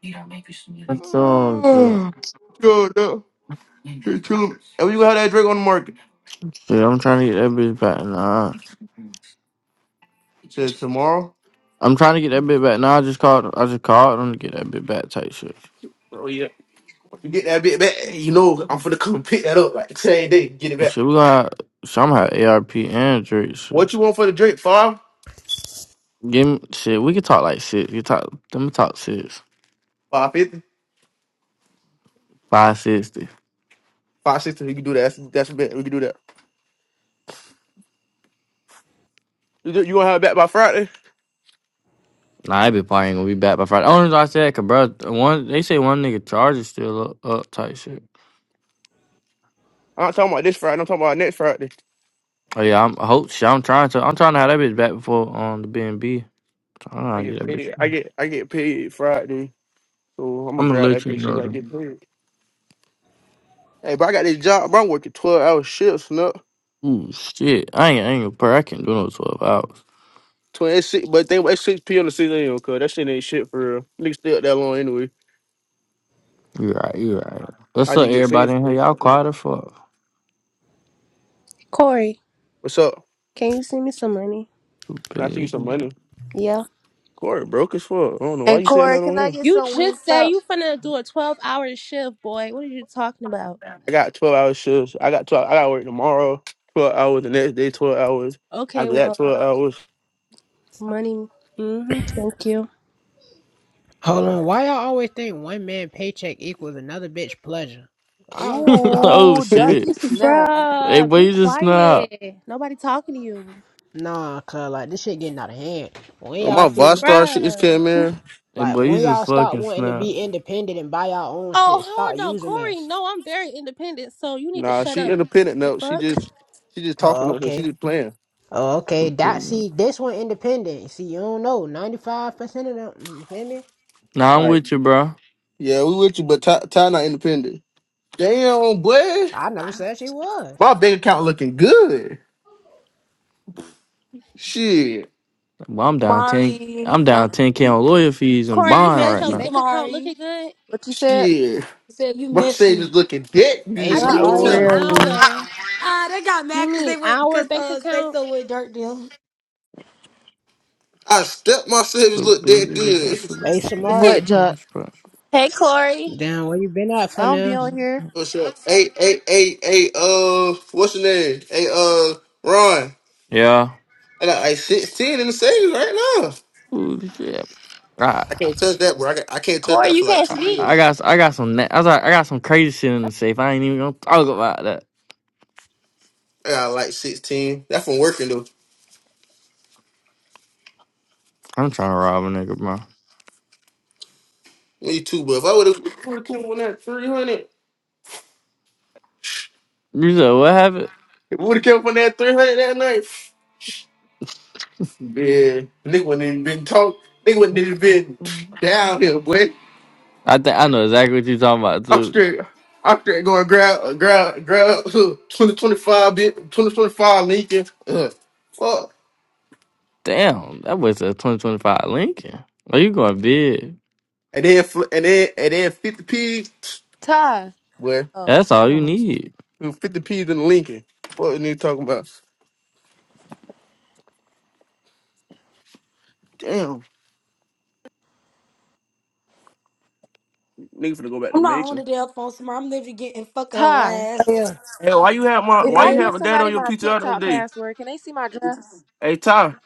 Yo, That's all. Shit, no. Hey, Tell him, and we gonna have that drink on the market. I'm trying to get that bitch back now. Says tomorrow. I'm trying to get that bitch back now. I just called. I just called them to get that bitch back. Type shit. You get that bit back. You know, I'm finna come pick that up like the same day. Get it back. Shit, we gonna have, somehow ARP and Drake. Shit, What you want for the drink? Five, give me shit. We can talk like six. You talk. Let me talk six. five fifty, Five sixty. five sixty. We can do that. That's that's a bet. We can do that. You you gonna have it back by Friday? Nah, I be probably ain't gonna be back by Friday. Only reason I said, cause bro, one they say one nigga charges still up, up type shit. I'm not talking about this Friday. I'm talking about next Friday. Oh yeah, I'm I hope. Shit, I'm trying to. I'm trying to have that bitch back before on um, the B and B. I'm I trying to get get that bitch. paid. I get I get paid Friday, so I'm gonna I'm gonna grab let that you bitch. shit, know. like though. get paid. Hey, but I got this job. Bro, I'm working twelve hour shifts. No. Ooh, shit. I ain't, I ain't gonna pray. I can't do no 12 hours. Twenty it's six, but think about it's six p on the season anyway, cause that shit ain't shit for real. Niggas stay up that long anyway. you right, you right. What's I up, just get paid everybody for in here? them. Y'all But, man, quiet as fuck. Corey, What's up? can you send me some money? I see you some Stupid. money. Yeah. Corey broke as fuck. I don't know why And you saying Corey, that can on I here. get You some wing just said stop? you finna do a 12 hour shift, boy. What are you talking about? I got twelve hour shifts. I got twelve. I got work tomorrow. Twelve hours the next day. Twelve hours. Okay, After that, well, twelve hours. money. Mm-hmm. Thank you. Hold Yeah. on, why y'all always think one man paycheck equals another bitch pleasure? I gotta stop that. oh, Ooh, shit. Jockey Snap. Hey, Bruh, boy, be you just snap. quiet. Nobody talking to you. Nah, cuz like this shit getting out of hand. When Oh, y'all my feel me? Vostar shit just Bruh. came in. Hey, Like boy, you when just y'all start fucking wanting to snap. be independent and buy y'all own Oh, shit, stop hold on. using Corey, us. no, I'm very independent, so you need to Nah, shut she up. independent The though. She fuck? just she just talking Oh, on here. She okay. just playing. Oh, okay. That Stupid. see this one independent. See, you don't know. Ninety five percent of them mm, you feel me? Nah, I'm Like with you, bro. yeah, we with you, but Ty, Ty not independent. Damn, boy. I never said she was. My bank account looking good. Shit. Well, I'm down 10. Mari, I'm Huh? down 10K on lawyer fees and Corey, you you're bond said right your messy, now. bank account Samari. looking good? What you said? Shit. Said you My savings messy. looking that Hey I good. Who Not think you you mean telling? Samaria. really. our. Ah, they got mad You because they mean went our because bank uh they account? so with dirt them. I stepped my savings Stupid. look that Bitch, I good. Hey should What Samaria. Jock? have- Hey, Corey. Damn, where you been at I for don't be now? on here. What's up? Hey, hey, hey, hey, uh, what's your name? Hey, uh, Ron. Yeah. I got like si, 16 in the savings right now. Ooh, shit. I can't touch that, bro. I, got, I can't touch Corey, that you for like can't I two speak. I years. got I got some na- I got I got some crazy shit in the safe. I ain't even gonna talk about that. I got like 16. That's from working, though. I'm trying to rob a nigga, bro. Me too, but if I would have came on that 300, You said what happened? if we would have kept on that 300 that night. Yeah, nigga wouldn't even been talk. Nigga wouldn't even been down here, boy. I think I know exactly what you talking about I'm too. straight. I'm straight going grab, grab, grab. Uh, 2025 bit, 2025 Lincoln. Uh, fuck. Damn, that was a 2025 Lincoln. Are you going big? And then, fl- and then, and then 50 p. Ty. boy. Oh, That's she all you on the phone. need. 50 P's in the Lincoln. What nigga talking about? Damn, nigga finna go back to I'm not on the Macon. damn phone, Samari. I'm literally getting fucking Ty. harassed. Yeah. Hey, why you have my? If Why I you Yes, give have my dad somebody on your my PTR the other TikTok day? password, can they see my dress? Hey Ty,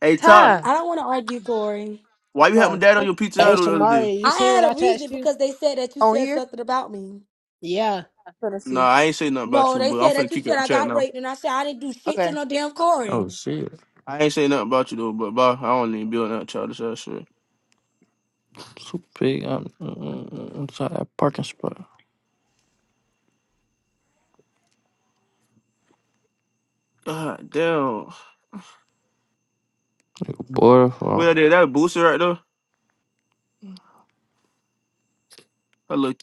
hey Ty, Ty. I don't want to argue, Glory. why you have my Oh, dad on fuck your PTR you, bitch. Hey the other Samaria, day? you I seen what had I a text reason you? because they said that you On said here? something about me. Yeah. Gonna Nah, see. I ain't say nothing about No, you, they but I'm said that finna you kick up said the I chat got now. raped, and I said I didn't do shit to Okay. no damn Oh Corey. shit, I ain't say nothing about you though, but bro, I don't even build that childish ass shit. super big. I'm, mm, inside that parking spot. God damn. Nigga, Boy, the Well, fuck. there, that booster right there. That little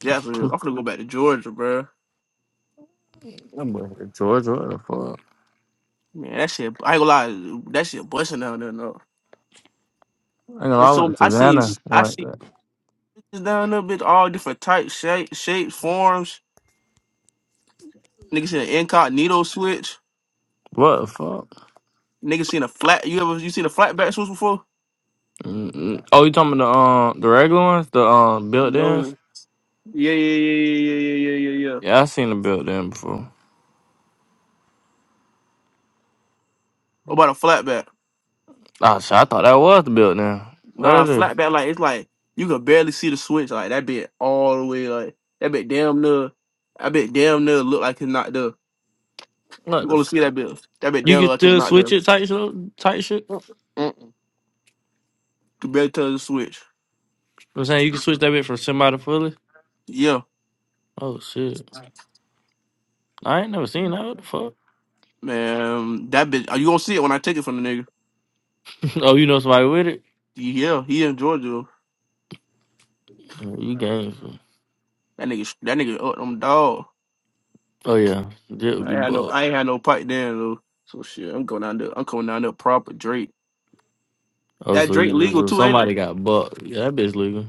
Jackson. I'm gonna go back to Georgia, bro. That boy, Georgia, what the fuck? Man, that shit. I ain't gonna lie. That shit busting down there now. I know I It's went so to I seen Savannah. I What? seen bitches down there, bitch, all different types, shape, shapes, forms. Niggas seen an incognito switch. What the fuck? Niggas seen a flat. You ever you seen a flatback switch before? Mm-mm. Oh, you talking about the um the regular ones, the um built-ins? Yeah. Yeah, I seen the built-in before. What about a flatback? Ah, shit, I thought that was the built-in. What Nah, it is? flat back like it's like you could barely see the switch. Like that bit all the way like that bit damn near. I bet damn near look like it's not there. What You the? gonna F- see that bit? That bit you damn look can like it's still not switch there. it type shit. Type shit. Mm-mm. You barely tell the switch. I'm saying you can switch that bit from somebody fully. Yeah, Oh shit, I ain't never seen that. What the fuck? man. That bit. Are you gonna see it when I take it from the nigga? oh, you know somebody with it? Yeah, he in Georgia. Oh, you games. That nigga. That nigga up them dog. Oh yeah, that would I be ain't had no. buck. I ain't had no pipe then though. So shit, I'm going down there. I'm going down there proper Drake. Oh, That so, Drake you, legal so too, ain't it? somebody got buck. Yeah, that bitch legal.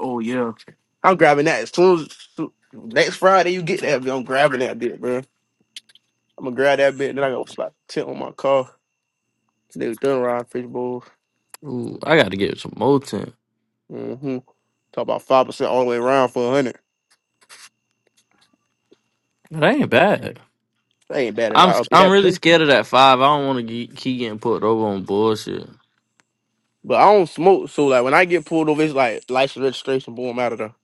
Oh yeah, I'm grabbing that as soon as soon- next Friday you get that. bit, I'm grabbing that bit, bro. I'm gonna grab that bit, then I got slap the tent on my car. Nigga done ride fish bowls. Ooh, I got to get some more tent. Mm-hmm. Talk about five percent all the way around for a hundred. That ain't bad. That ain't bad at all. I'm I'll sc- get I'm that. really too. scared of that five. I don't want to keep getting put over on bullshit. But I don't smoke, so like when I get pulled over, it's like license registration, boom, I'm out of there.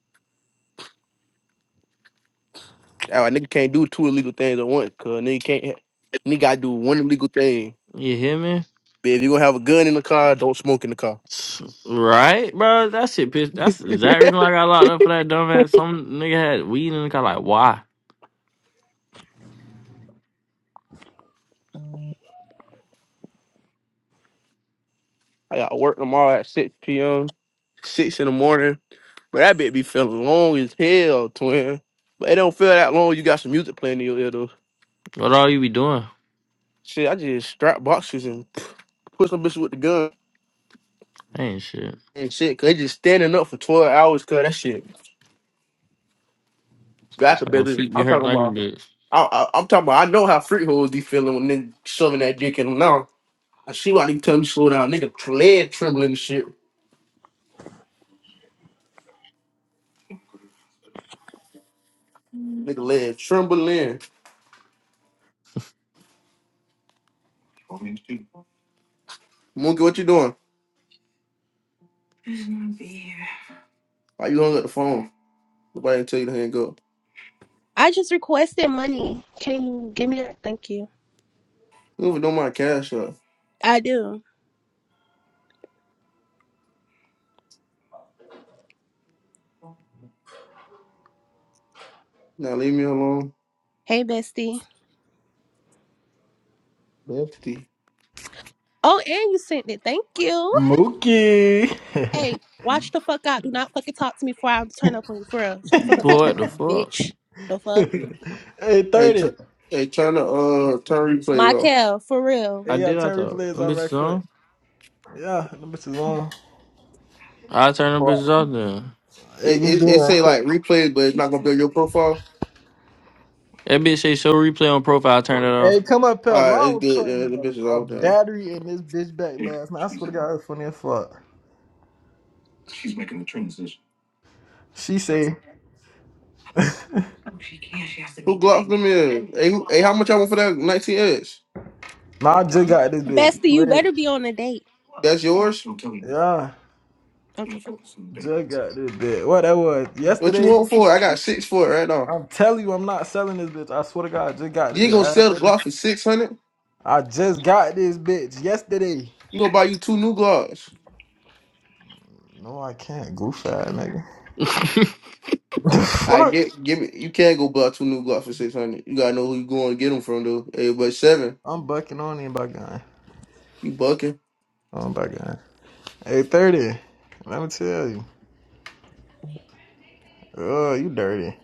That why nigga can't do two illegal things at once, cause nigga can't. ha- Nigga gotta do one illegal thing. You hear me? But if you gonna have a gun in the car, don't smoke in the car. Right, bro. That shit pissed. That's the exact reason why I got locked up for that dumb ass. Some nigga had weed in the car. Like, why? I got work tomorrow at six p.m. six in the morning. But that bit be feeling long as hell, twin. But it don't feel that long. You got some music playing in your ear though. What all you be doing? Shit, I just strap boxes and put some bitches with the gun Ain't shit. and shit. Cause they just standing up for twelve hours. Cause that shit. That's a Like, my better. feet be I, hurt like a bitch. I, I'm talking about. I know how freak hoes be feeling when they shoving that dick in them now. I see why they tell me slow down, nigga. Leg trembling and shit. Nigga leg trembling. Monkey, what you doing? Why you hung up the phone? Nobody tell you to hang up. I just requested money. Can you give me that? Thank you. You don't even know my cash up. I do. Now leave me alone. Hey, bestie. Lefty. Oh, and you sent it. Thank you. Mookie. Hey, watch the fuck out. Do not fucking talk to me before I turn up on you. For real. Shut the fuck up. Talk to Boy, me, what the fuck? bitch. The fuck? hey, Hey, t- 30. hey, turn the uh turn replays off. Michael, for real. I Hey, y'all, did. I turn thought replays them off bitches right quick. on. Yeah, them bitches on. I turn them Alright. bitches off then. Hey, It, you be it it right say quick. like replays, but it's not gonna build your profile. That bitch say show replay on profile. I turn it Hey, off. come up pal. Uh, Long it's was good. putting Uh, the bitch is a, a all done. battery in this bitch back last night. I swear to God, it's funny as fuck. She say, Who glocked them in? Hey, who, hey, how much I want for that 19 S? nah, I just got this bitch. Bestie, Play you it. better be on a date. That's yours. Yeah, I'm joking. just got this bitch. What that was? What you Yesterday? want for it? I got six for it right now. I'm telling you, I'm not selling this bitch. I swear to God, I just got the You ain't bitch. gonna I had sell the 30. Glock for six hundred. I just got this bitch yesterday. You gonna buy you two new Glocks. No, I can't. Goof ass nigga. The I fuck? get give me. You can't go buy two new Glocks for six hundred. You gotta know who you going to get them from though. Hey, but seven, I'm bucking on him by gun. you bucking. Oh by gun. Eight thirty. Let me tell you. Oh, you dirty.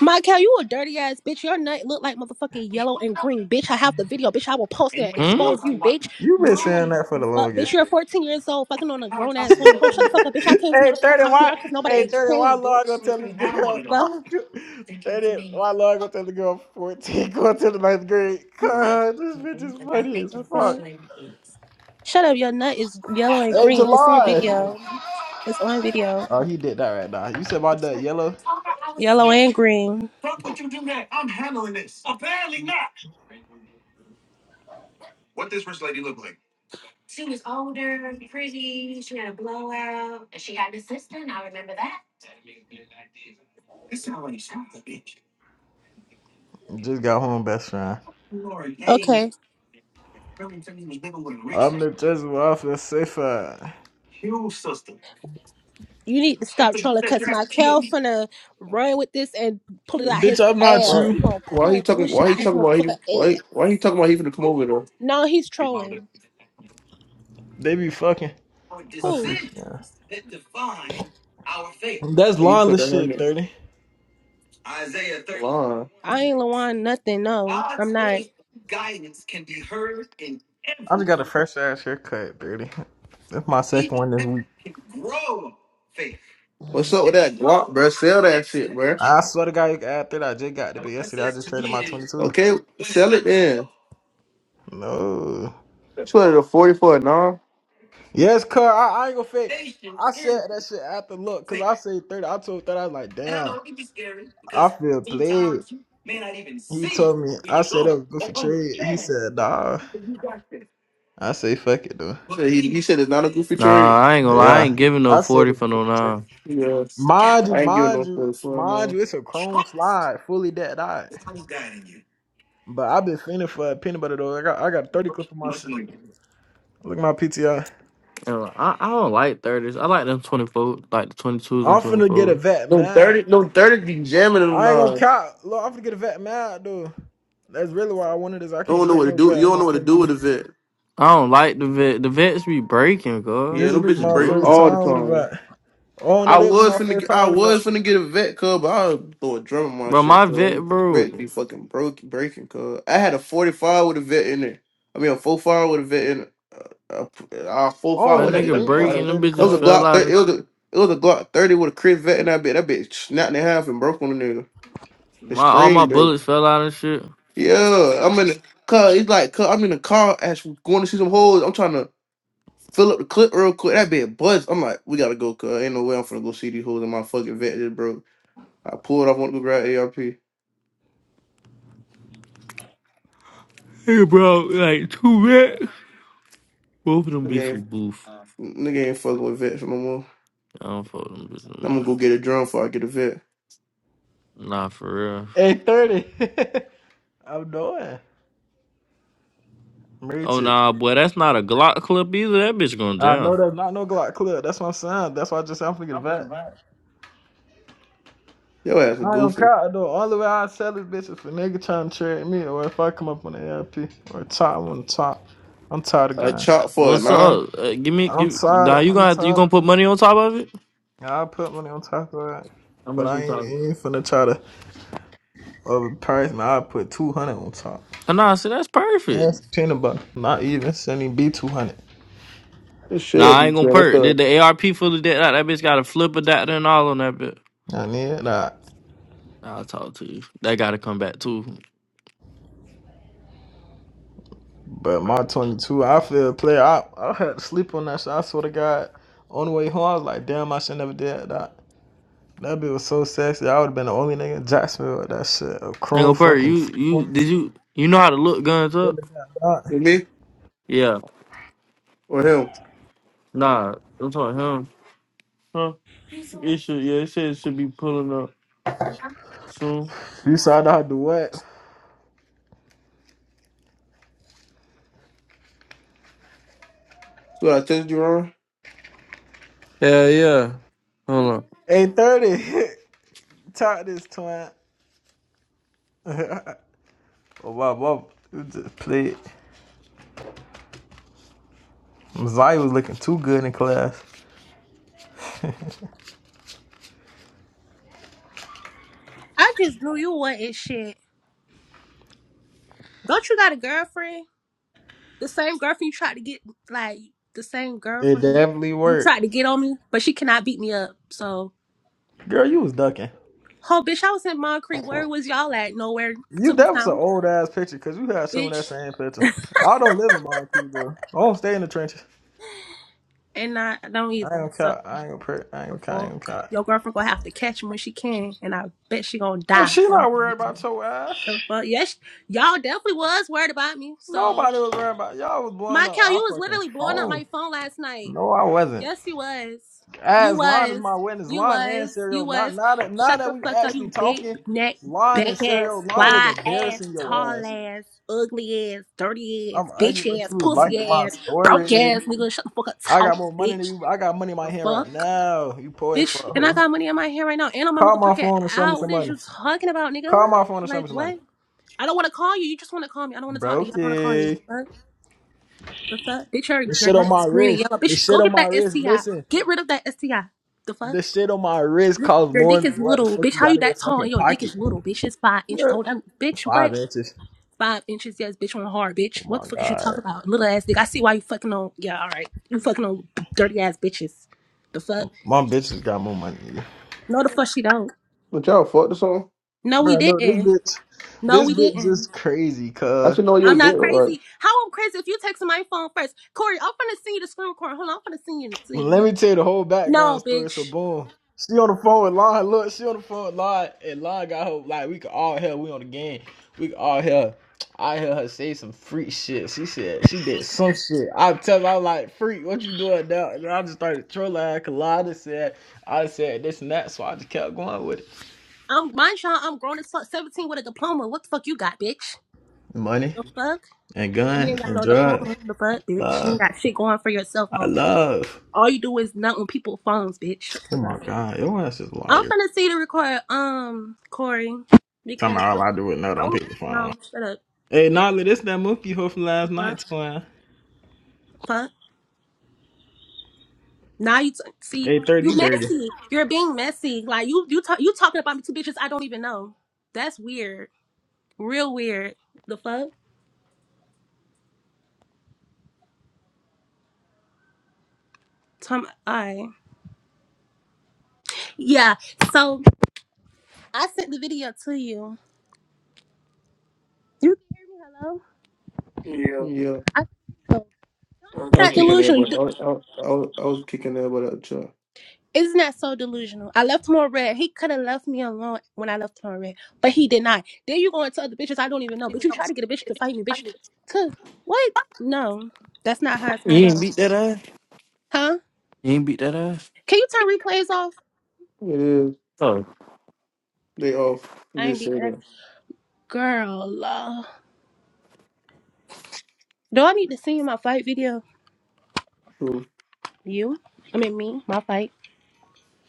Michael, you a dirty ass bitch. Your nut look like motherfucking yellow and green, bitch. I have the video, bitch. I will post it and hmm? expose you, bitch. You been Bitch, you're saying that for the the fuck, bitch. longest. You're 14 years old, fucking on a grown ass woman. Oh, shut the fuck up, bitch. I came to hey thirty, motherfucking why? because nobody Hey ain't thirty, why came, Lord bitch. gonna tell this girl? The fuck? I'm go- thirty, why Lord gonna tell the girl fourteen going to the ninth grade? God, this bitch is funny as The fuck. fuck? Shut up, your nut is yellow and Hey green. It's on July. video. It's on video. Oh, he did that right now. You said about that yellow. Yellow and green. Just got home, best friend. Okay. I'm the Jesuit. I feel safer. You need to stop trolling cause my Kel finna run with this and pull it out Bitch, his I'm not ass. Why? you. He gonna Why he pull talking? bullshit Why out he his talking about motherfucker he? Why? ass. Why he talking about he finna come over though? No, he's trolling. They be fucking. I'm Who? freaking out. That's Hey, you put lawless that on shit, me. 30. I ain't Lawan nothing, no. I'm not. I just got a fresh ass haircut, 30. That's my second one this week. What's up with that Glock, bro? Sell that shit, bro. I swear to God, you can add 30. I just got to be yesterday. I just traded my 22. Okay, sell it then. No. Put it a 44, no? Yes, cuz. I, I ain't gonna fake. I said that shit after look, cause I said 30. I told 30, I was like, damn, I feel played. He told me, I said that was good for trade. He said, nah. I say, fuck it, though. You He he, said it's not a goofy Nah, trade? I ain't gonna lie. I ain't Yeah. giving no I said forty it was for no moving trash. nine. Yeah, Mind you, I ain't giving mind no you, 44, mind no. you, it's a chrome slide, fully dead eye. But I've been fending for a peanut butter though. I got I got 30 clip of my shit. Look at my PTI. Uh, I, I don't like thirties. I like them twenty four, like the twenty twos and I'm twenty finna get a fours. vet No mad. 30, no 30 be jamming them, I ain't gonna nah. count. Look, I'm finna get a vet mad though. That's really why I wanted this. I can't don't know get what to no do. vet You on don't my know what to do 22. with the vet. I don't like the vet. The vets be breaking, girl. Yeah, This Them them would be bitches bitches my break booze. first all the time with a time. vet. Oh no, I that'd be was my finna first get, I time with a vet. was finna get a vet cub, but I would throw a drum in my Bro, shit, my vet cuz broke. vet be fucking broke breaking, cuz I had a forty five with a vet in it. I mean a 45 with a vet in it. Uh, uh four I don't five That even whatever. It nigga think that's a breaking. Them 30 bitches was a clip. fell Glock out thirty. It of was a it was a Glock thirty with a Chris vet in that bitch. That bitch snapped in half and broke on the nigga. The my. All spring my broke. bullets fell out and shit. Yeah, I'm in the car. It's like cuz I'm in the car as we going to see some hoes. I'm trying to fill up the clip real quick. That bitch buzz. I'm like, we gotta go, cuz ain't no way I'm finna go see these hoes in my fucking vet, bro. I pulled off, want to go grab ARP. Hey, broke like two vets. Both of them Nigga ain't, bitches boof. nigga ain't fucking with vets no more. I don't fuck with them I'm gonna bitches. go get a drum before I get a vet. man. Nah, for real. Hey, 30. I'm doing. Reach Oh it. nah, boy, that's not a Glock clip either. That bitch going I down. know that's not no Glock clip. That's what I'm saying. That's why I just said I'm finna get a vet. Yo ass a I ain't gonna goofy. cry though. Only way I sell this bitch is if a nigga trying to trade me or if I come up on the LP or top on the top. I'm tired of I gun. chop I'm for it, What's tired. nah. up? Uh, give me, I'm give. tired. Nah, Of, you I'm gonna have to, you tired. gonna put money on top of it? Yeah, I put money on top of it, How but much we I ain't, talking? ain't finna try to overprice. And I put two hundred on top. Oh, Nah, see, that's Yes, perfect. peanut butter. Not even sending B two hundred. It Nah, should I be ain't gonna chill. That's perk. Did the the ARP fully dead out? That bitch got a flip adapter and all on that bitch. I need that. I'll talk to you. That gotta come back too. Ain't But my 22, I feel player. I, I had to sleep on that shit. I swear to God, on the way home, I was like, damn, I should never did that. That bitch was so sexy. I would have been the only nigga in Jacksonville with that shit. A chrome gonna perk. You, fucking you, did 22. you, you know how to look guns Really up? me Yeah. or him. Nah, I'm talking him. Huh? It should, yeah, it said it should be pulling up soon. You saw that do what? So I texted you wrong. Yeah, yeah. Hold on. 830. Talk this twin. Oh, wow, wow. You just played. Zai was looking too good in class. I just knew you wanted shit. Don't you got a girlfriend? The same girlfriend you tried to get like the same It girlfriend definitely you worked. tried to get on me, but she cannot beat me up, so Girl, you was ducking. Oh, bitch, I was in Moncrief. Where was y'all at? Nowhere You to be that was an found, old ass picture because you had some of that bitch. same picture. I don't live in Moncrief, bro. I don't stay in the trenches. And I don't I either. ain't gonna So count. I ain't gonna pray. I ain't the gonna count. I fuck, ain't gonna count. your girlfriend gonna have to catch him when she can, and I bet she gonna Bro, die. She Oh my not worried mama. about your ass. The fuck, yes, y'all definitely was worried about me. So Nobody was worried about y'all was blowing my up cow, our you was fucking literally blowing up phone. my phone last night. No, I wasn't. Yes, you was. You As Lon is was. my witness, You Lon and was. You Serial. Not was. now that now Shut that the we fuck up, actually you big talking, neck, Lon and back ass, Serial, Lon was wide ass, embarrassing your tall ass. ass, ugly ass, dirty I'm ass, bitch ugly, but ass, you was pussy liking my ass, broke story. ass, nigga. Shut the fuck up, I talk, got more money than bitch. you. I got money in my The hand right fuck? now. You poor as fuck, Bitch, and I hoe. got money in my hand right now and on my Call my motherfucking phone and show me out. some What is money. you talking about, nigga? Call my phone and show me Like, some money. what? I don't want to call you. You just want to call me. I don't want to talk to you. I don't want to call Brokey. you. The fuck? Bitch, your, The your dick shit on my is green and wrist. yellow. The Bitch, shit go on get my that wrist. STI. Listen, Get rid of that STI. The fuck? the shit on my wrist costs Your more dick is than what the little. fuck Bitch, you how got you in your that tall fucking and your dick is pocket. little? Bitch, it's five inches. Yeah. Hold on. Bitch, Five what? inches. Five inches, yes, bitch, on hard, bitch. Oh What my the fuck is you god. talking about? Little ass dick. I see why you fucking on. Yeah, all right. You fucking on dirty ass bitches. The fuck? My bitch has got more money than you. No, the fuck she don't. But y'all fucked or something? No, we Bro, no, this didn't. bitch, No, this we bitch didn't. just crazy, I cuz. should know your I'm dick, not right? crazy. How I'm crazy if you text my phone first. Corey, I'm gonna send you the screen recording. Hold on, I'm gonna send it to Let you. me tell you the whole background No, story. So bitch. boom. She on the phone with Lon. Look, she on the phone with Lon and Lon got her like we could all hear we on the game. We could all hear I hear her say some freak shit. She said she did some shit. I tell her I was like, freak, what you doing now? And I just started trolling her cause Lon just said I just said this and that, so I just kept going with it. I'm mind y'all, I'm grown as fuck, 17 with a diploma. What the fuck you got, bitch? Money The Mm. fuck? and You guns ain't got and no drugs. diploma. The fuck, bitch? You Love. ain't got shit going for yourself, I hoe. love. All you do is nut on people's phones, bitch. Shut Oh the my fuck up. god, your ass is a I'm liar. finna see the record, um, Corey, Tell me because all I do is nut on don't people's phone. no shut up. Hey, Nolly, this that monkey hoe from The last night, fuck, twin. fuck. Now you t- see Hey, 30, you you dirty. messy. You're being messy. Like you, you talk, you talking about me to bitches I don't even know. That's weird. Real weird. The fuck. Tom, I yeah. So I sent the video to you. You can hear me? Hello. Yeah. Yeah, I sent you. I Okay. was Not kicking their delusional. You butt. I, do- was- I, was- I, was- I was kicking their butt out, child. It's not so delusional. I left him on red. He could have left me alone when I left him on red, but he did not. Then you go into other bitches I don't even know. But you try to get a bitch to fight me, bitch. To what? No, that's not how it's You gonna go, ain't beat that ass? huh? You ain't beat that ass? Can you turn replays off? It is. Oh. They off. You I ain't just beat say that that. girl. Uh, do I need to see my fight video? True. You? I mean me. My fight.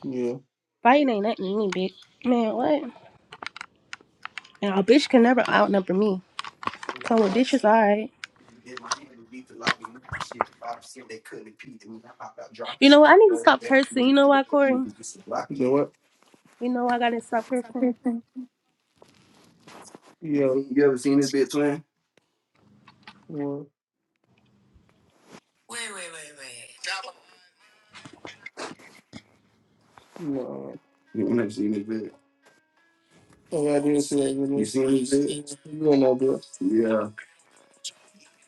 Yeah. Fighting ain't nothing to me, bitch. Man, what? And a bitch can never outnumber me. So a bitch is alright. Did my hand and beat the lobby knife and shit. If I'd have percent they couldn't impede me. I popped out dropping You know what? I shit. need to Go stop advance, cursing. You know why, Corey? nigga. You know what? You know why I gotta stop cursing? You know what? Yo. You ever seen this bitch, man? What? No. You ain't never seen this bitch. Oh, yeah, I did see that video. You seen this bitch? You don't know, bro. Yeah.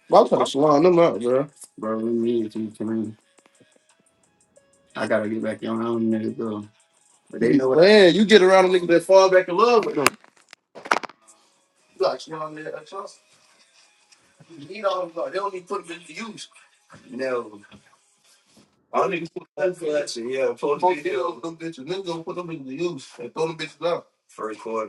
Well, I was trying to salon them out, bro. Bro, we need to come in. I gotta get back on them niggas, though. But they know what Man, you get around a nigga that fall back in love with them. You got you on there, I trust. You need all them, dog. they don't even put them to use. No. All niggas put that for that shit. Yeah, post Post videos video. of them bitches. Niggas gonna put them bitches to use and throw them bitches out. First quarter.